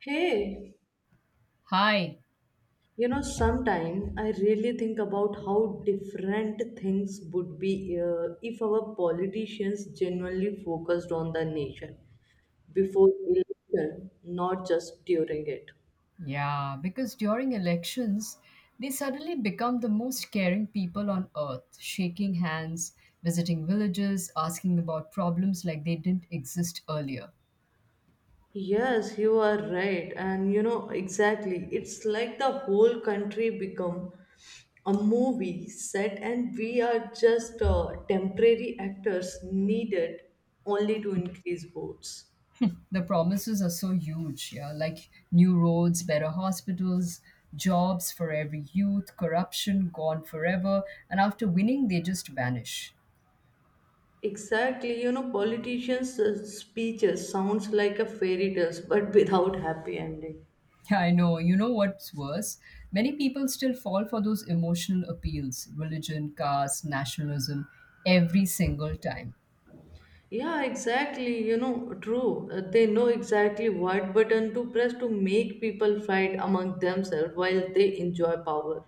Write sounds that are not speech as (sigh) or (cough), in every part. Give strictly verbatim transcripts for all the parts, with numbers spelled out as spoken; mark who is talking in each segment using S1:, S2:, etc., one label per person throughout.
S1: Hey,
S2: Hi.
S1: you know, sometimes I really think about how different things would be uh, if our politicians genuinely focused on the nation before election, not just during it.
S2: Yeah, because during elections, they suddenly become the most caring people on earth, shaking hands, visiting villages, asking about problems like they didn't exist earlier.
S1: Yes, you are right, and you know exactly. It's like the whole country become a movie set, and we are just uh, temporary actors needed only to increase votes.
S2: The promises are so huge, yeah, like new roads, better hospitals, jobs for every youth, corruption gone forever, and after winning, they just vanish.
S1: Exactly, you know, politicians' uh, speeches sounds like a fairy tales, but (laughs) without happy ending.
S2: (laughs) I know. You know what's worse? Many people still fall for those emotional appeals religion, caste, nationalism every single time.
S1: Yeah, exactly, you know, true. Uh, They know exactly what button to press to make people fight among themselves while they enjoy power.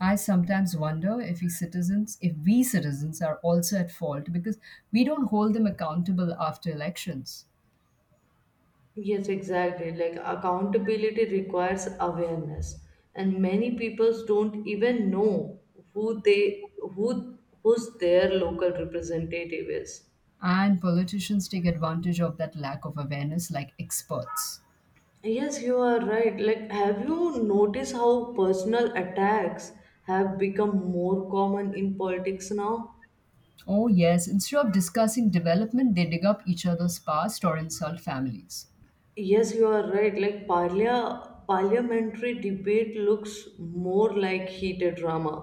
S2: I sometimes wonder if we citizens, if we citizens are also at fault because we don't hold them accountable after elections.
S1: Yes, exactly. Like accountability requires awareness, and many people don't even know who they who who's their local representative is.
S2: And politicians take advantage of that lack of awareness like experts.
S1: Yes, you are right. Like, have you noticed how personal attacks have become more common in politics now?
S2: Oh, yes, instead of discussing development, they dig up each other's past or insult families.
S1: Yes, you are right. Like, parlia- parliamentary debate looks more like heated drama,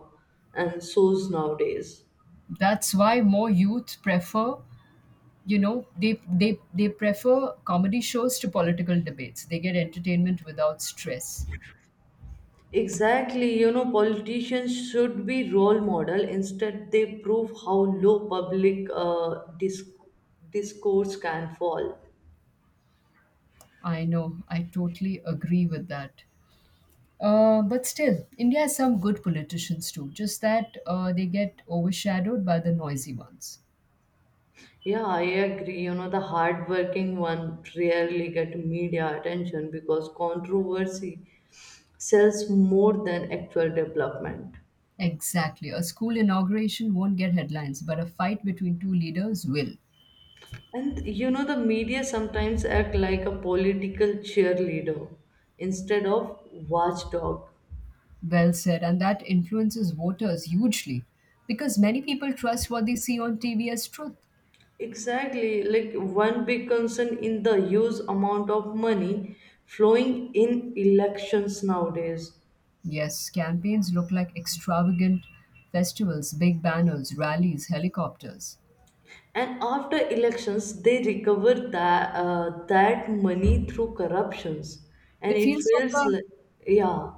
S1: and so's nowadays.
S2: That's why more youth prefer you know they they they prefer comedy shows to political debates. They get entertainment without stress.
S1: Exactly, you know, politicians should be role model. Instead, they prove how low public uh, disc- discourse can fall.
S2: I know, I totally agree with that. Uh, but still, India has some good politicians too, just that uh, they get overshadowed by the noisy ones.
S1: Yeah, I agree. You know, the hardworking one rarely get media attention because controversy sells more than actual development.
S2: Exactly, a school inauguration won't get headlines, but a fight between two leaders will.
S1: And you know, the media sometimes act like a political cheerleader instead of watchdog.
S2: Well said, and that influences voters hugely because many people trust what they see on TV as truth.
S1: Exactly, like one big concern in the huge amount of money flowing in elections nowadays.
S2: Yes, campaigns look like extravagant festivals, big banners, rallies, helicopters.
S1: And after elections, they recover that uh, that money through corruptions, and
S2: It
S1: it
S2: feels like
S1: feels
S2: a
S1: like. Yeah.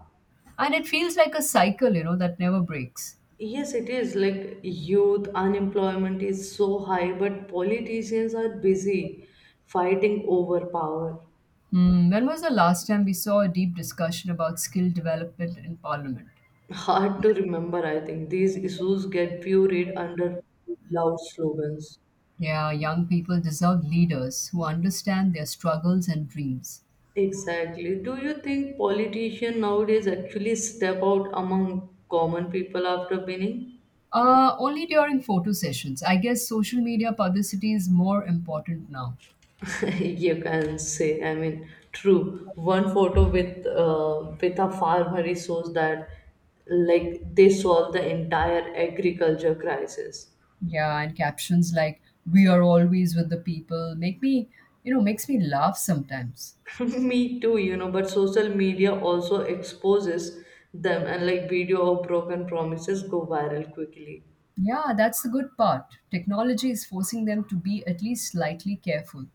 S2: and it feels like a cycle, you know, that never breaks.
S1: Yes, it is like youth unemployment is so high, but politicians are busy fighting over power.
S2: Hmm, when was the last time we saw a deep discussion about skill development in parliament?
S1: (laughs) Hard to remember, I think these issues get buried under loud slogans.
S2: Yeah, young people deserve leaders who understand their struggles and dreams.
S1: Exactly. Do you think politicians nowadays actually step out among common people after winning?
S2: Uh, only during photo sessions. I guess social media publicity is more important now.
S1: (laughs) You can say, I mean, true. One photo with uh, with a farmer, it shows that, like, they solve the entire agriculture crisis.
S2: Yeah, and captions like "We are always with the people" make me, you know, makes me laugh sometimes.
S1: (laughs) me too you know But social media also exposes them, and like, video of broken promises go viral quickly.
S2: Yeah, that's the good part. Technology is forcing them to be at least slightly careful.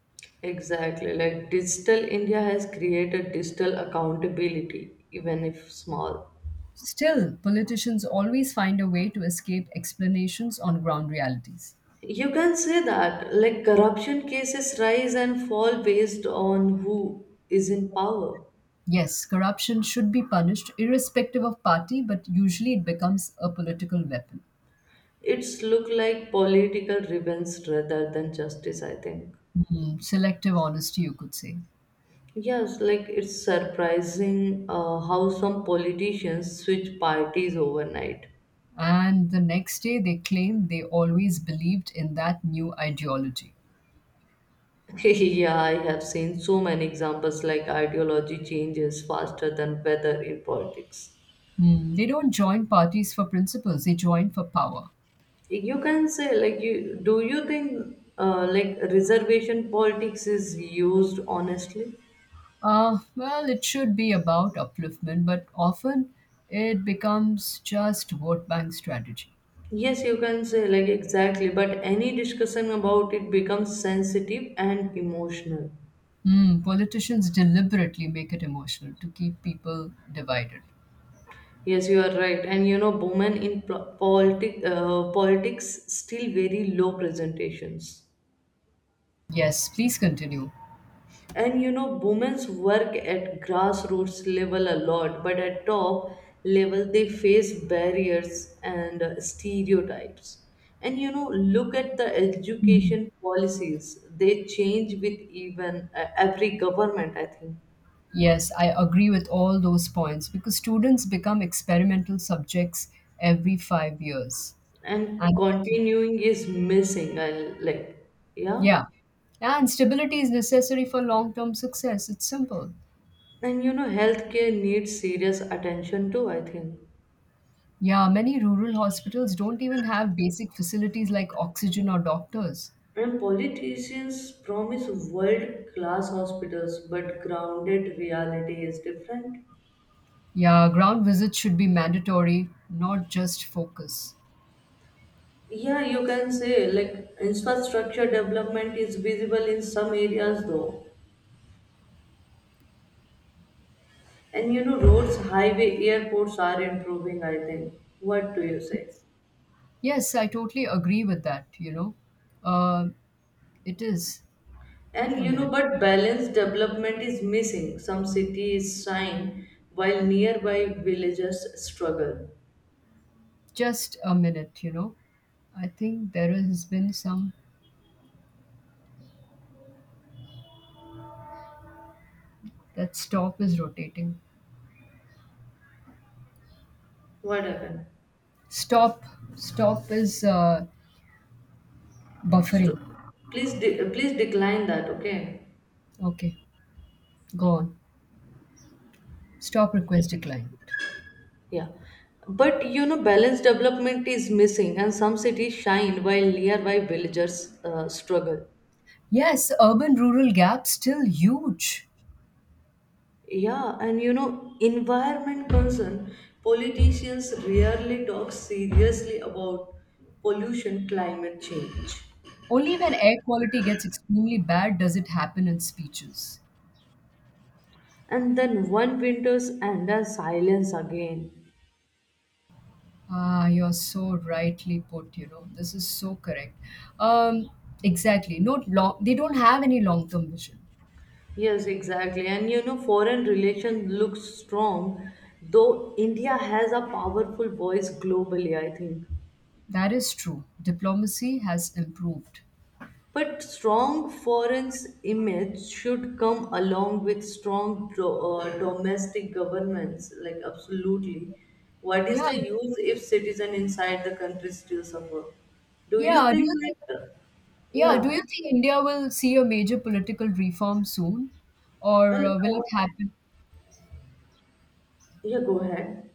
S1: Exactly, like digital India has created digital accountability, even if small.
S2: Still, politicians always find a way to escape explanations on ground realities.
S1: You can say that, like corruption cases rise and fall based on who is in power.
S2: Yes, corruption should be punished irrespective of party, but usually it becomes a political weapon.
S1: It's look like political revenge rather than justice, I think.
S2: Hmm, selective honesty, you could say.
S1: Yes, like it's surprising uh, how some politicians switch parties overnight.
S2: And the next day, they claim they always believed in that new ideology.
S1: (laughs) Yeah, I have seen so many examples, like ideology changes faster than weather in politics.
S2: Hmm, they don't join parties for principles, they join for power.
S1: You can say, like, you do you think, uh, like reservation politics is used honestly?
S2: Uh, well, it should be about upliftment, but often it becomes just vote bank strategy.
S1: Yes, you can say, like, exactly, but any discussion about it becomes sensitive and emotional.
S2: Hmm, politicians deliberately make it emotional to keep people divided.
S1: Yes, you are right. And you know, women in pl- politi- uh, politics still very low presentations.
S2: Yes, please continue.
S1: And you know, women's work at grassroots level a lot, but at top level they face barriers and uh, stereotypes. And you know, look at the
S2: Mhm.
S1: education policies, they change with even uh, every government, I think.
S2: Yes, I agree with all those points because students become experimental subjects every five years.
S1: And
S2: And
S1: continuing is missing, I like, yeah.
S2: yeah, and stability is necessary for long term success. It's simple.
S1: And you know, healthcare needs serious attention too, I think.
S2: Yeah, many rural hospitals don't even have basic facilities like oxygen or doctors.
S1: And politicians promise world class hospitals, but grounded reality is different.
S2: Yeah, ground visits should be mandatory, not just focus.
S1: Yeah, you can say, like infrastructure development is visible in some areas though. And you know, roads, highway, airports are improving, I think. What do you say?
S2: Yes, I totally agree with that, you know. Uh, it is. Wait
S1: And
S2: a
S1: you know,
S2: minute.
S1: but balanced development is missing. Some cities shine while nearby villages struggle.
S2: Just a minute, you know. I think there has been some. That stop is rotating.
S1: What happened?
S2: Stop. Stop is uh, buffering.
S1: St- Please, de- please decline that, okay?
S2: Okay, go on. Stop request declined.
S1: Yeah. But you know, balanced development is missing, and some cities shine while nearby villagers uh, struggle.
S2: Yes, urban rural gap still huge.
S1: Yeah, and you know, environment concern. Politicians rarely talk seriously about pollution, climate change.
S2: Only when air quality gets extremely bad does it happen in speeches.
S1: And then one winter's and a silence again.
S2: Ah, you're so rightly put, you know. This is so correct. Um, exactly. No long, they don't have any long-term vision.
S1: Yes, exactly. And you know, foreign relation looks strong, though India has a powerful voice globally, I think.
S2: That is true. Diplomacy has improved.
S1: But strong foreign image should come along with strong do- uh, domestic governments, like absolutely. What is
S2: Yeah.
S1: the use if citizen inside the country still suffer? Do you
S2: Yeah. Do
S1: think,
S2: you think
S1: like, uh,
S2: yeah, do
S1: yeah,
S2: you think India will see a major political reform soon? Or
S1: well,
S2: uh, will it
S1: uh,
S2: happen?
S1: yeah, go ahead.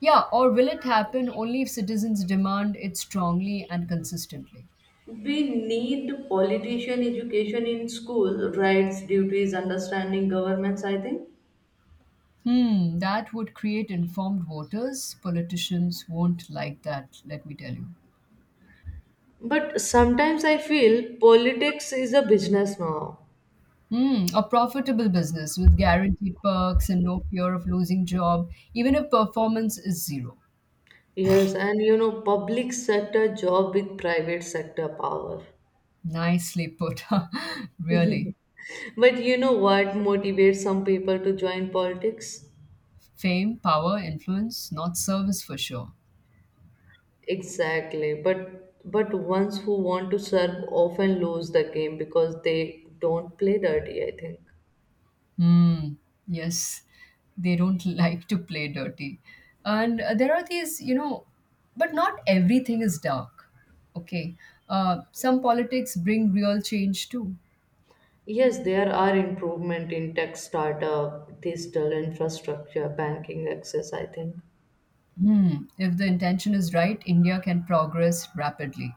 S2: Yeah, or will it happen only if citizens demand it strongly and consistently?
S1: We need politician education in school, rights, duties, understanding governments, I think.
S2: Hmm, that would create informed voters. Politicians won't like that, let me tell you.
S1: But sometimes I feel politics is a business now.
S2: Hmm, a profitable business with guaranteed perks and no fear of losing job, even if performance is zero.
S1: Yes, and you know, public sector job with private sector power.
S2: Nicely put, (laughs) really.
S1: But you know what motivates some people to join politics?
S2: Fame, power, influence, not service for sure.
S1: Exactly. But but ones who want to serve often lose the game because they don't play dirty, I think.
S2: Mm, yes, they don't (laughs) like to play dirty. And uh, there are these, you know, but not everything is dark. Okay. Uh, some politics bring real change too.
S1: Yes, there are improvement in tech startup, digital infrastructure, banking access, I think.
S2: Hmm. If the intention is right, India can progress rapidly.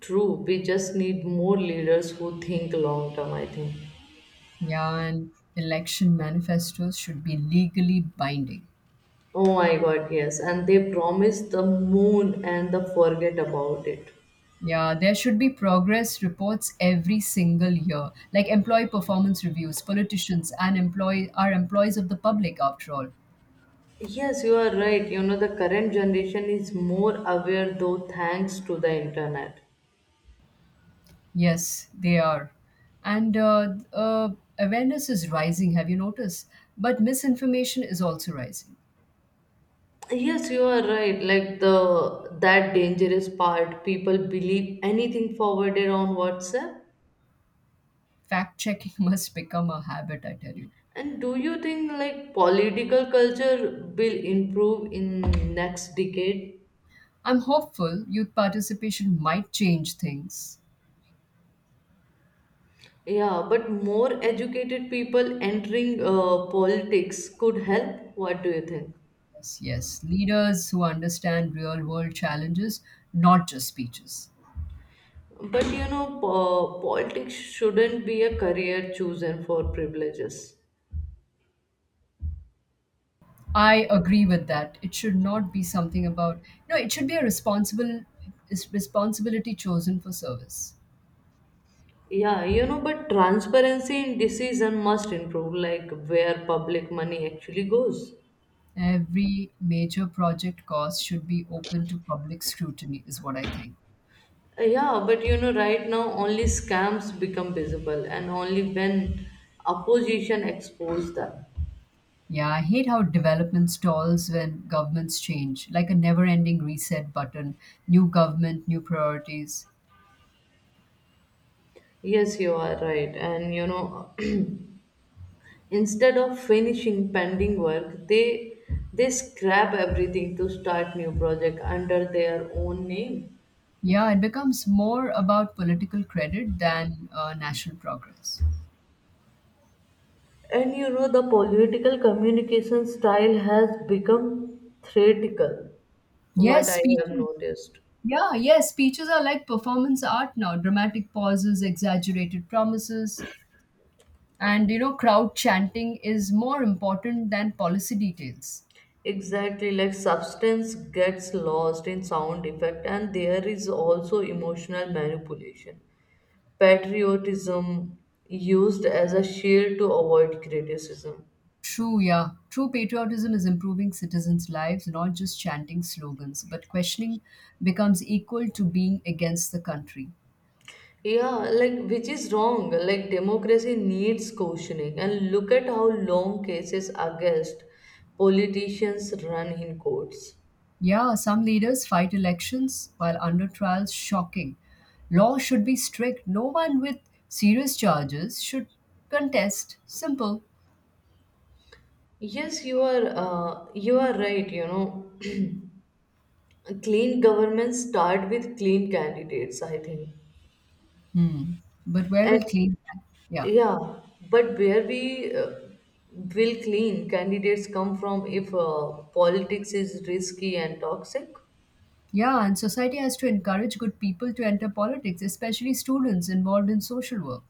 S1: True, we just need more leaders who think long term, I think.
S2: Yeah, and election manifestos should be legally binding.
S1: Oh my god, yes. And they promise the moon and the forget about it.
S2: Yeah, there should be progress reports every single year, like employee performance reviews. Politicians and employee are employees of the public, after all.
S1: Yes, you are right. You know, the current generation is more aware though thanks to the internet.
S2: Yes, they are. And uh, uh, awareness is rising, have you noticed? But misinformation is also rising.
S1: Yes, you are right. Like the that dangerous part, people believe anything forwarded on WhatsApp.
S2: Fact checking (laughs) must become a habit, I tell you.
S1: And do you think, like, political culture will improve in next decade?
S2: I'm hopeful youth participation might change things.
S1: Yeah, but more educated people entering uh, politics could help. What do you think?
S2: Yes, yes. Leaders who understand real world challenges, not just speeches.
S1: But you know, po- politics shouldn't be a career chosen for privileges.
S2: I agree with that. It should not be something about, no, it should be a responsible is responsibility chosen for service.
S1: Yeah, you know, but transparency in decision must improve, like where public money actually goes.
S2: Every major project cost should be open to public scrutiny, is what I think.
S1: Uh, Yeah, but you know, right now only scams become visible and only when opposition expose them.
S2: Yeah, I hate how development stalls when governments change, like a never ending reset button, new government, new priorities.
S1: Yes, you are right. And you know, (clears throat) instead of finishing pending work, they they scrap everything to start new project under their own name.
S2: Yeah, it becomes more about political credit than uh, national progress.
S1: And you know, the political communication style has become theatrical, what
S2: Yes,
S1: I have
S2: speeches.
S1: noticed.
S2: Yeah, yes, speeches are like performance art now. Dramatic pauses, exaggerated promises, and you know, crowd chanting is more important than policy details.
S1: Exactly, like substance gets lost in sound effect, and there is also emotional manipulation. Patriotism used as a shield to avoid criticism.
S2: True, yeah. True patriotism is improving citizens' lives, not just chanting slogans, but questioning becomes equal to being against the country.
S1: Yeah, like which is wrong. Like democracy needs cautioning. And look at how long cases against politicians run in courts.
S2: Yeah, some leaders fight elections while under trials, shocking. Law should be strict. No one with serious charges should contest. Simple.
S1: Yes, you are uh, you are right, you know. Clean governments start with clean candidates, I think.
S2: Hmm. But where
S1: And
S2: will clean that? Yeah.
S1: yeah, but where we uh, will clean candidates come from if uh, politics is risky and toxic?
S2: Yeah, and society has to encourage good people to enter politics, especially students involved in social work.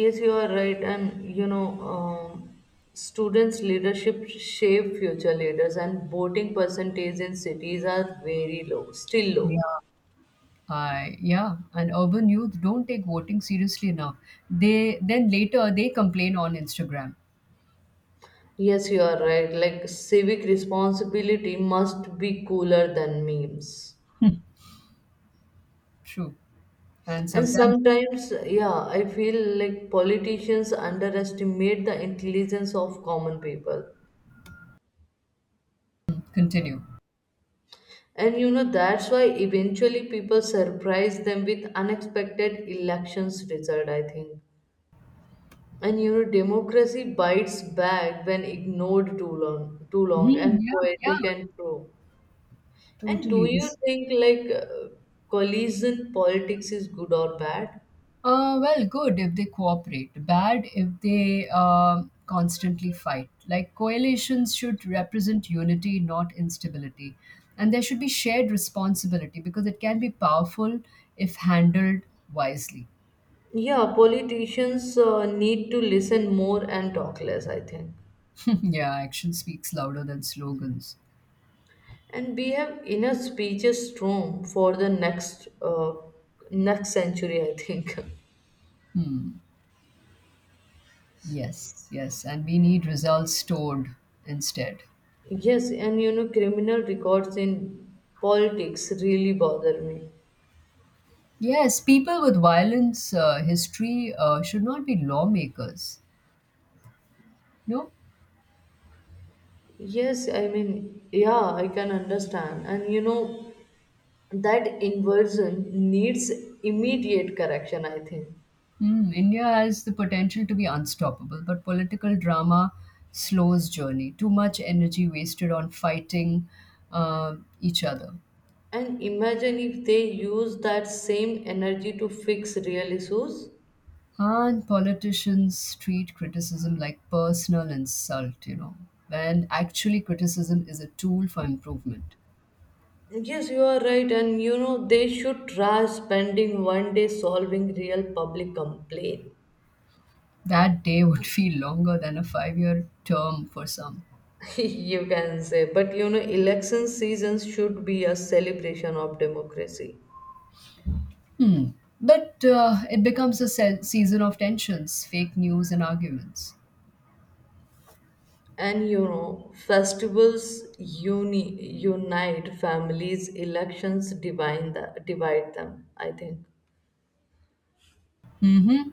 S1: Yes, you are right. And you know, um, students' leadership shape future leaders, and voting percentage in cities are very low, still low.
S2: Yeah. I yeah, and urban youth don't take voting seriously enough. They then later they complain on Instagram.
S1: Yes, you are right. Like, civic responsibility must be cooler than memes.
S2: True, and
S1: And
S2: sometimes
S1: sometimes, yeah, I feel like politicians underestimate the intelligence of common people.
S2: continue.
S1: And you know, that's why eventually people surprise them with unexpected elections result, I think. And you know, democracy bites back when ignored too long, too long, and
S2: Hmm, yeah,
S1: poetic
S2: yeah,
S1: and true. And do
S2: totally.
S1: you
S2: This
S1: think, like, uh, collision politics is good or bad?
S2: uh, well, good if they cooperate. Bad if they um constantly fight. Like coalitions should represent unity, not instability, and there should be shared responsibility because it can be powerful if handled wisely.
S1: Yeah, politicians uh, need to listen more and talk less, I think.
S2: (laughs) Yeah, action speaks louder than slogans.
S1: And we have enough speeches room for the next uh, next century, I think.
S2: Hmm. Yes, yes, and we need results stored instead.
S1: (laughs) Yes, and you know, criminal records in politics really bother me.
S2: Yes, people with violence uh, history uh, should not be lawmakers. No.
S1: Yes, I mean, yeah, I can understand. And you know, that inversion needs immediate correction, I think.
S2: Hmm, India has the potential to be unstoppable, but political drama slows journey. Too much energy wasted on fighting uh, each other.
S1: And imagine if they use that same energy to fix real issues.
S2: And politicians treat criticism like personal insult, you know, when actually criticism is a tool for improvement.
S1: Yes, you are right. And you know, they should try spending one day solving real public complaint.
S2: That day would (laughs) feel longer than a five year term for some.
S1: (laughs) You can say. But you know, election seasons should be a celebration of democracy.
S2: But uh, it becomes a se- season of tensions, fake news, and arguments.
S1: And you know, festivals uni- unite families, elections divide, the- divide them, I think.
S2: Mm-hmm.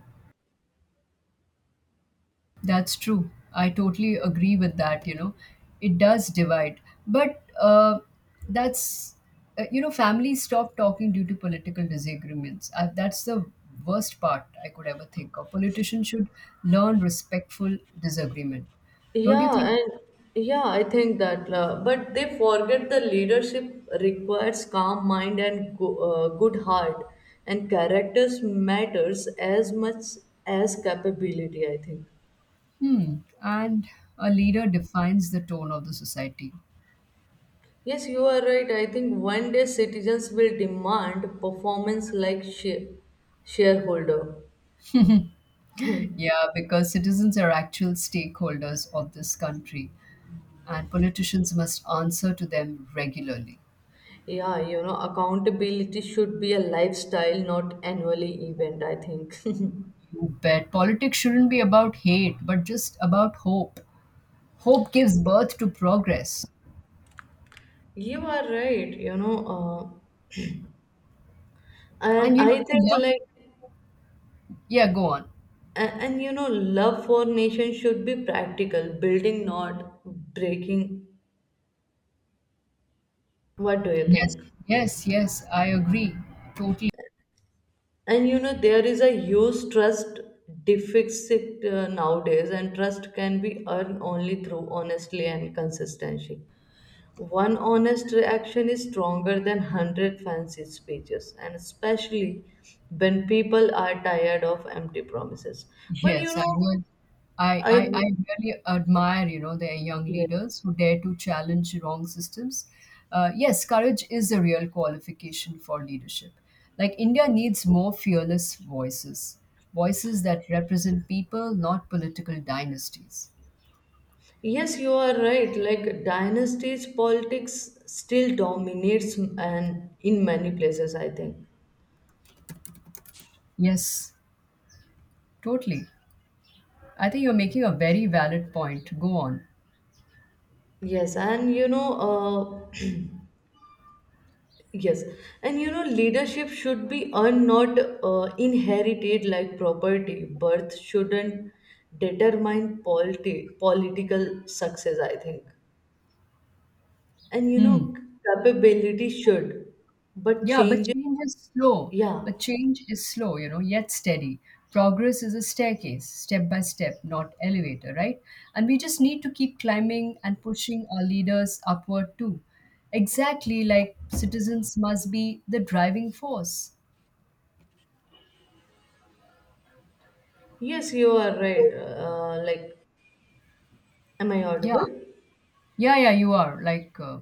S2: That's true. I totally agree with that. You know, it does divide. But uh, that's uh, you know, families stop talking due to political disagreements. Uh, that's the worst part I could ever think of. Politicians should learn respectful disagreement. Don't you think?
S1: Yeah, and yeah, I think that, uh, but they forget the leadership requires calm mind and go, uh, good heart, and characters matters as much as capability, I think.
S2: Hmm. And a leader defines the tone of the society.
S1: Yes, you are right. I think one day citizens will demand performance like share shareholder.
S2: Yeah, because citizens are actual stakeholders of this country and politicians must answer to them regularly.
S1: Yeah, you know, accountability should be a lifestyle, not annually event, I think. (laughs)
S2: You bet. Politics shouldn't be about hate, but just about hope. Hope gives birth to progress.
S1: You are right, you know, uh, and
S2: And you
S1: I
S2: know,
S1: think,
S2: yeah,
S1: like,
S2: yeah, go on.
S1: and, and you know, love for nation should be practical, building, not breaking. What do you
S2: Yes,
S1: think?
S2: yes, yes, I agree. Totally.
S1: And you know, there is a huge trust deficit uh, nowadays, and trust can be earned only through honestly and consistency. One honest reaction is stronger than a hundred fancy speeches, and especially when people are tired of empty promises. But you
S2: Yes, I
S1: know,
S2: would. I,
S1: I.
S2: I, I really admire, you know, their young leaders who dare to challenge wrong systems. Uh, yes, courage is a real qualification for leadership. Like India needs more fearless voices, voices that represent people, not political dynasties.
S1: Yes, you are right. Like dynasties, politics still dominates, and in many places, I think.
S2: Yes, totally. I think you're making a very valid point. Go on.
S1: Yes, and you know, uh, Yes, and you know, leadership should be earned, not uh, inherited like property. Birth shouldn't determine politi- political success, I think. And you
S2: Hmm.
S1: know, capability should, but
S2: Yeah, but
S1: change.
S2: change is slow.
S1: Yeah.
S2: But change is slow, you know, yet steady. Progress is a staircase, step by step, not elevator, right? And we just need to keep climbing and pushing our leaders upward too. Exactly, like citizens must be the driving force.
S1: Yes, you are right. Uh, like, am I
S2: Yeah,
S1: audible?
S2: yeah, yeah, you are. Like, uh,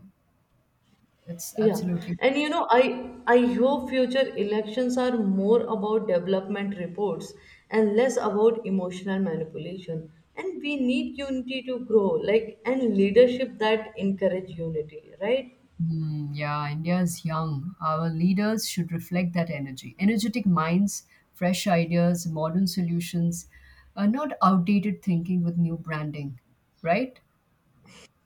S2: it's
S1: Yeah,
S2: absolutely.
S1: and you know, I I hope future elections are more about development reports and less about emotional manipulation. And we need unity to grow, like and leadership that encourage unity, right?
S2: Hmm, yeah, India's young. Our leaders should reflect that energy. Energetic minds, fresh ideas, modern solutions, uh, not outdated thinking with new branding, right?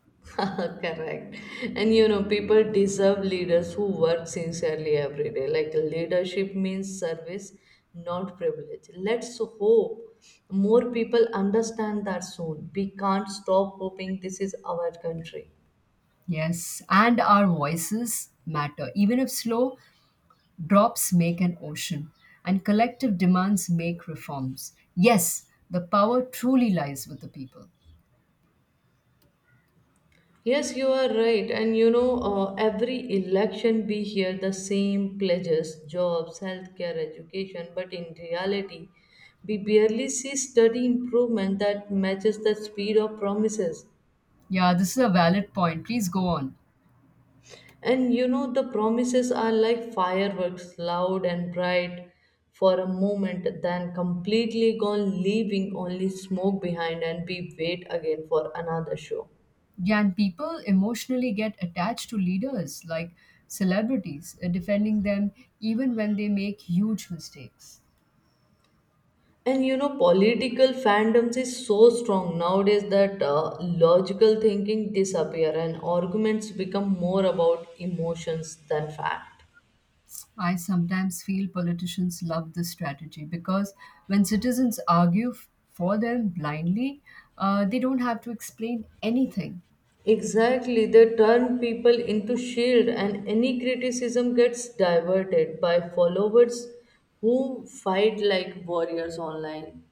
S1: (laughs) Correct. And you know, people deserve leaders who work sincerely every day. Like leadership means service, not privilege. Let's hope more people understand that soon. We can't stop hoping this is our country.
S2: Yes, and our voices matter. Even if slow, drops make an ocean, and collective demands make reforms. Yes, the power truly lies with the people.
S1: Yes, you are right. And you know, uh, every election we hear the same pledges jobs, healthcare, education, but in reality, we barely see steady improvement that matches the speed of promises.
S2: Yeah, this is a valid point. Please go on.
S1: And you know, the promises are like fireworks, loud and bright for a moment, then completely gone, leaving only smoke behind, and we wait again for another show.
S2: Can people emotionally get attached to leaders like celebrities, uh, defending them even when they make huge mistakes?
S1: And you know, political fandoms is so strong nowadays that uh, logical thinking disappear and arguments become more about emotions than fact.
S2: I sometimes feel politicians love this strategy because when citizens argue f- for them blindly, uh, they don't have to explain anything.
S1: Exactly, they turn people into shield and any criticism gets diverted by followers who fight like warriors online.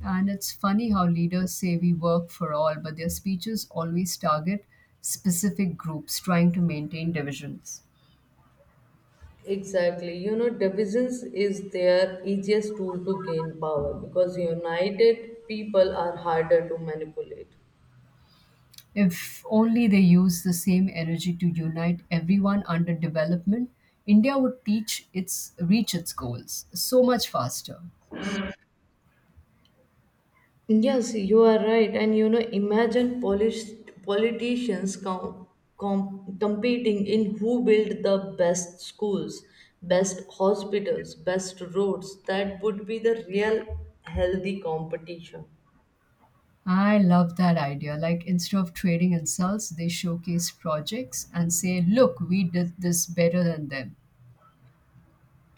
S2: And it's funny how leaders say we work for all, but their speeches always target specific groups trying to maintain divisions.
S1: Exactly. You know, divisions is their easiest tool to gain power because united people are harder to manipulate.
S2: If only they use the same energy to unite everyone under development, India would teach its reach its goals so much faster.
S1: Yes, you are right. And you know, imagine Polish politicians com- com- competing in who built the best schools, best hospitals, best roads. That would be the real healthy competition.
S2: I love that idea. Like instead of trading insults, they showcase projects and say, "Look, we did this better than them."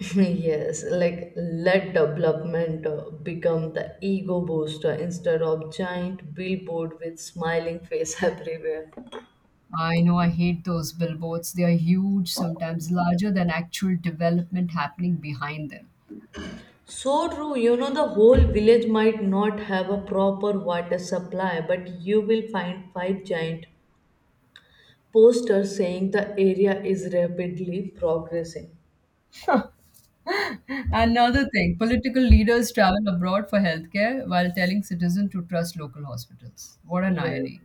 S1: (laughs) Yes, like let development uh, become the ego booster instead of giant billboard with smiling face (laughs) everywhere.
S2: I know, I hate those billboards. They are huge, sometimes larger than actual development happening behind them.
S1: So true, you know, the whole village might not have a proper water supply, but you will find five giant posters saying the area is rapidly progressing.
S2: Another thing, political leaders travel abroad for healthcare while telling citizens to trust local hospitals. What an
S1: Yes.
S2: irony!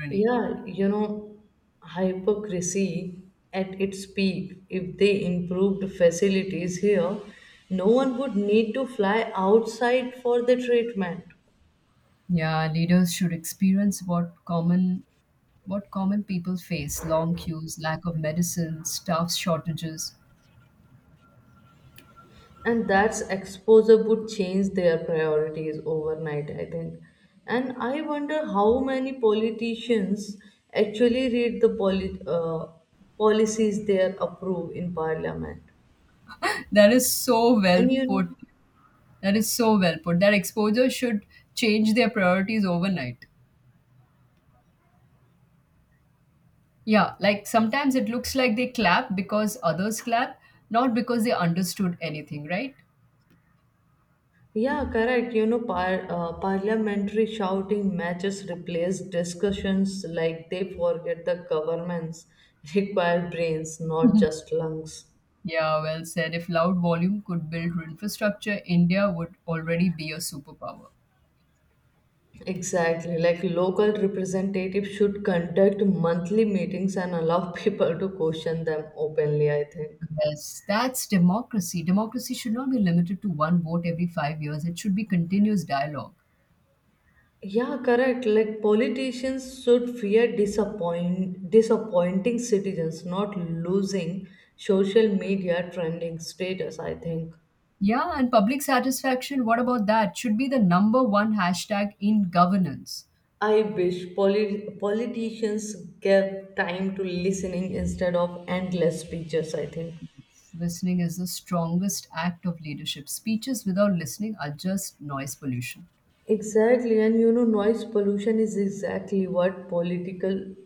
S2: Irony.
S1: Yeah, you know, hypocrisy at its peak. If they improved facilities here, no one would need to fly outside for the treatment.
S2: Yeah, leaders should experience what common what common people face: long queues, lack of medicine, staff shortages.
S1: And that's exposure would change their priorities overnight, I think. And I wonder how many politicians actually read the poli- uh, policies they approve in parliament.
S2: That is so
S1: And
S2: well put.
S1: you
S2: That is so well put. That exposure should change their priorities overnight. Yeah, like sometimes it looks like they clap because others clap, not because they understood anything, right?
S1: Yeah, correct. You know, par- uh, parliamentary shouting matches replace discussions, like they forget the governments (laughs) require brains, not just lungs.
S2: Yeah, well said. If loud volume could build infrastructure, India would already be a superpower.
S1: Exactly, like local representatives should conduct monthly meetings and allow (laughs) people to question them openly, I think.
S2: Yes, that's democracy. Democracy should not be limited to one vote every five years. It should be continuous dialogue.
S1: Yeah, correct. Like politicians should fear disappoint disappointing citizens, not losing social media trending status, I think.
S2: Yeah, and public satisfaction, what about that? Should be the number one hashtag in governance.
S1: I wish polit- politicians gave time to listening instead of endless speeches, I think.
S2: Listening is the strongest act of leadership. Speeches without listening are just noise pollution.
S1: Exactly, and you know, noise pollution is exactly what political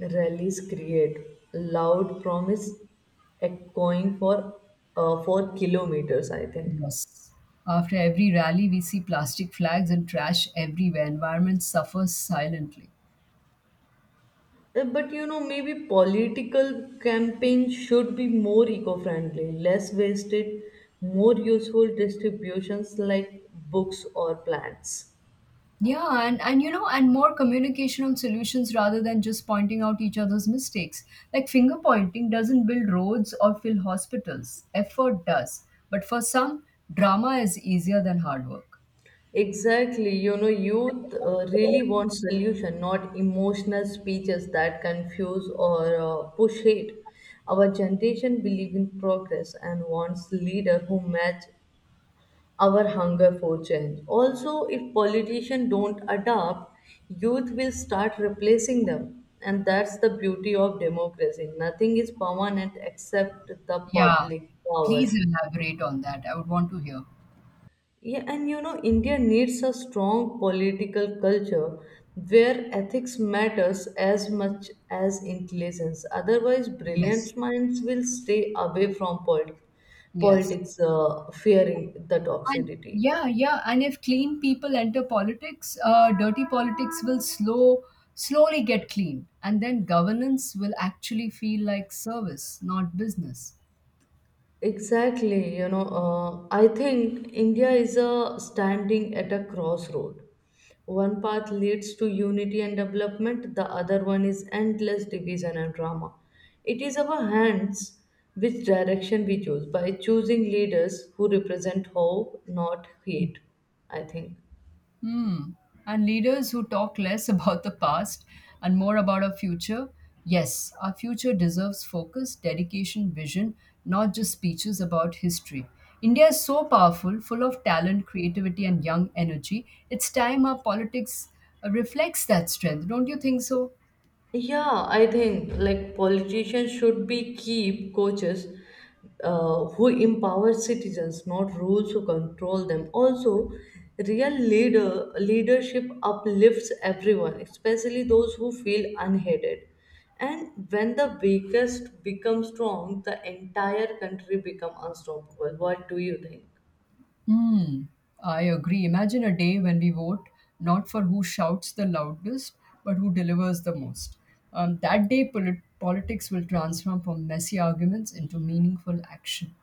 S1: rallies create. Loud promise echoing for uh, for kilometers, I think.
S2: Yes. After every rally, we see plastic flags and trash everywhere. Environment suffers silently.
S1: Uh, But you know, maybe political campaign should be more eco-friendly, less wasted, more useful distributions like books or plants.
S2: Yeah, and, and you know, and more communication on solutions rather than just pointing out each other's mistakes. Like finger pointing doesn't build roads or fill hospitals, effort does. But for some, drama is easier than hard work.
S1: Exactly. You know, youth uh, really want solution, not emotional speeches that confuse or uh, push hate. Our generation believe in progress and wants leader who match our hunger for change. Also, if politicians don't adapt, youth will start replacing them. And that's the beauty of democracy. Nothing is permanent except the
S2: Yeah,
S1: public power.
S2: please elaborate on that. I would want to hear.
S1: Yeah, and you know, India needs a strong political culture where ethics matters as much as intelligence. Otherwise,
S2: Yes,
S1: brilliant minds will stay away from polit-
S2: yes.
S1: politics, uh, fearing the
S2: And
S1: toxicity.
S2: yeah, yeah. And if clean people enter politics, uh, dirty politics will slow, slowly get clean, and then governance will actually feel like service, not business.
S1: Exactly, you know, uh, I think India is a standing at a crossroad. One path leads to unity and development, the other one is endless division and drama. It is our hands which direction we choose by choosing leaders who represent hope, not hate, I think.
S2: Hmm. And leaders who talk less (laughs) about the past and more about our future. Yes, our future deserves focus, dedication, vision, not just speeches about history. India is so powerful, full of talent, creativity, and young energy. It's time our politics uh, reflects that strength. Don't you think so?
S1: Yeah, I think like politicians should be keep coaches uh, who empower citizens, not rules who control them. Also, real leader leadership uplifts everyone, especially those who feel unheeded. And when the weakest become strong, the entire country become unstoppable. What do you think?
S2: Hmm, I agree. Imagine a day when we vote not for who shouts the loudest, but who delivers the most. Um, that day, polit- politics will transform from messy arguments into meaningful action.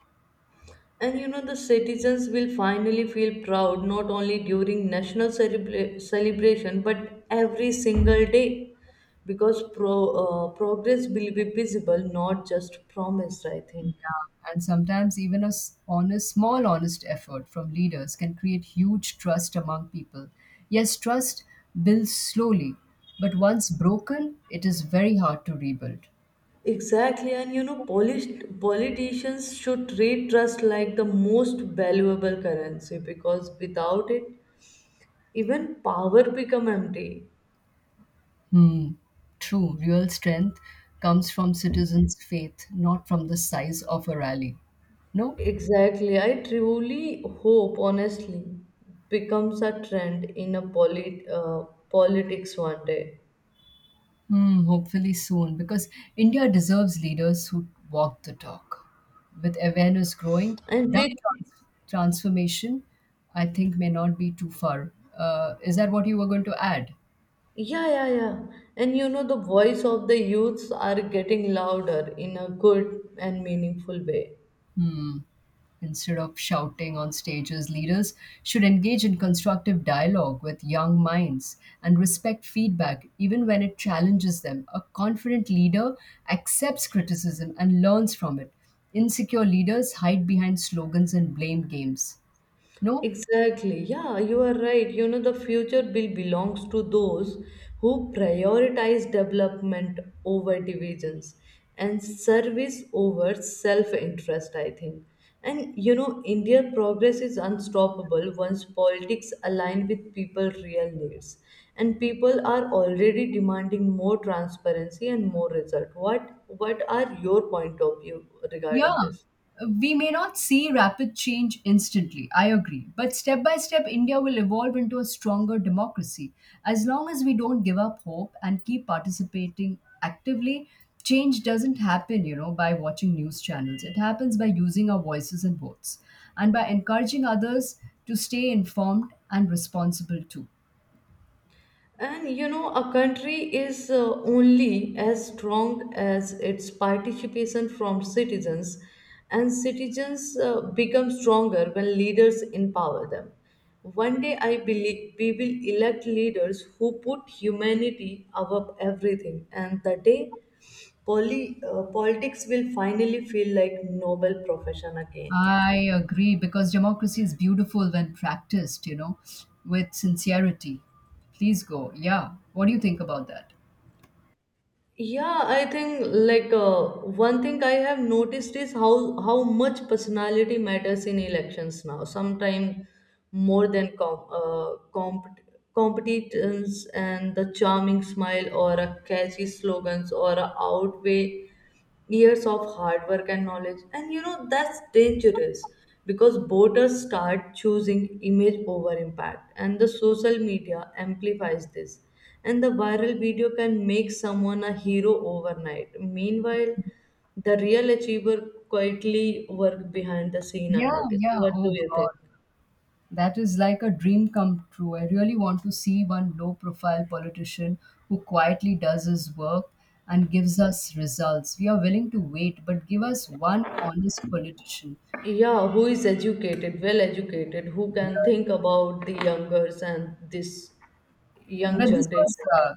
S1: And you know, the citizens will finally feel proud not only during national celebra- celebration but every single day because pro- uh, progress will be visible, not just promised, I think.
S2: Yeah, and sometimes even a s- honest, small, honest effort from leaders can create huge trust among people. Yes, trust builds slowly, but once broken, it is very hard to rebuild.
S1: Exactly, and you know, polished politicians should treat trust like the most valuable currency because without it, even power become empty.
S2: Hmm. True. Real strength comes from citizens' faith, not from the size of a rally. No?
S1: Exactly. I truly hope, honestly, becomes a trend in a polit uh, politics one day.
S2: Hmm. Hopefully soon, because India deserves leaders who walk the talk. With awareness growing,
S1: And
S2: that
S1: we,
S2: trans- transformation, I think, may not be too far. Uh, is that what you were going to add?
S1: yeah, yeah, yeah. And you know, the voice of the youths are getting louder in a good and meaningful way.
S2: Hmm. Instead of shouting on stages, leaders should engage in constructive dialogue with young minds and respect feedback even when it challenges them. A confident leader accepts criticism and learns from it. Insecure leaders hide behind slogans and blame games. No?
S1: Exactly. Yeah, you are right. You know, the future bill belongs to those who prioritize development over divisions and service over self interest, I think. And you know, India progress is unstoppable once politics align with people's real needs. And people are already demanding more transparency and more result. What what are your point of view
S2: Yeah,
S1: regarding this?
S2: we may not see rapid change instantly, I agree. But step by step, India will evolve into a stronger democracy. As long as we don't give up hope and keep participating actively, change doesn't happen, you know, by watching news channels. It happens by using our voices and votes and by encouraging others to stay informed and responsible too.
S1: And you know, a country is uh, only as strong as its participation from citizens, and citizens uh, become stronger when leaders empower them. One day, I believe we will elect leaders who put humanity above everything, and the day poly- uh, politics will finally feel like noble profession again.
S2: I agree because democracy is beautiful when practiced, you know, with sincerity. Please go. Yeah. What do you think about that?
S1: Yeah, I think like uh, one thing I have noticed is how how much personality matters in elections now. Sometimes more than com uh, comp competence, and the charming smile or a catchy slogans or a outweigh years of hard work and knowledge. And you know, that's dangerous because voters start choosing image over impact, and the social media amplifies this, and the viral video can make someone a hero overnight. Meanwhile, the real achiever quietly work behind the scene
S2: Yeah,
S1: unnoticed.
S2: yeah.
S1: What do
S2: Oh,
S1: you
S2: God.
S1: think?
S2: That is like a dream come true. I really want to see one low profile politician who quietly does his work and gives us results. We are willing to wait, but give us one honest politician.
S1: Yeah, who is educated, well educated, who can
S2: Yeah.
S1: think about the youngers and this young
S2: But this was
S1: generation.
S2: uh,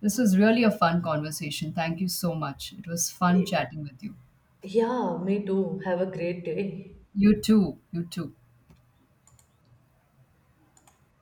S2: this was really a fun conversation. Thank you so much. It was fun chatting with you.
S1: Yeah, me too. Have a great day.
S2: You too. You too.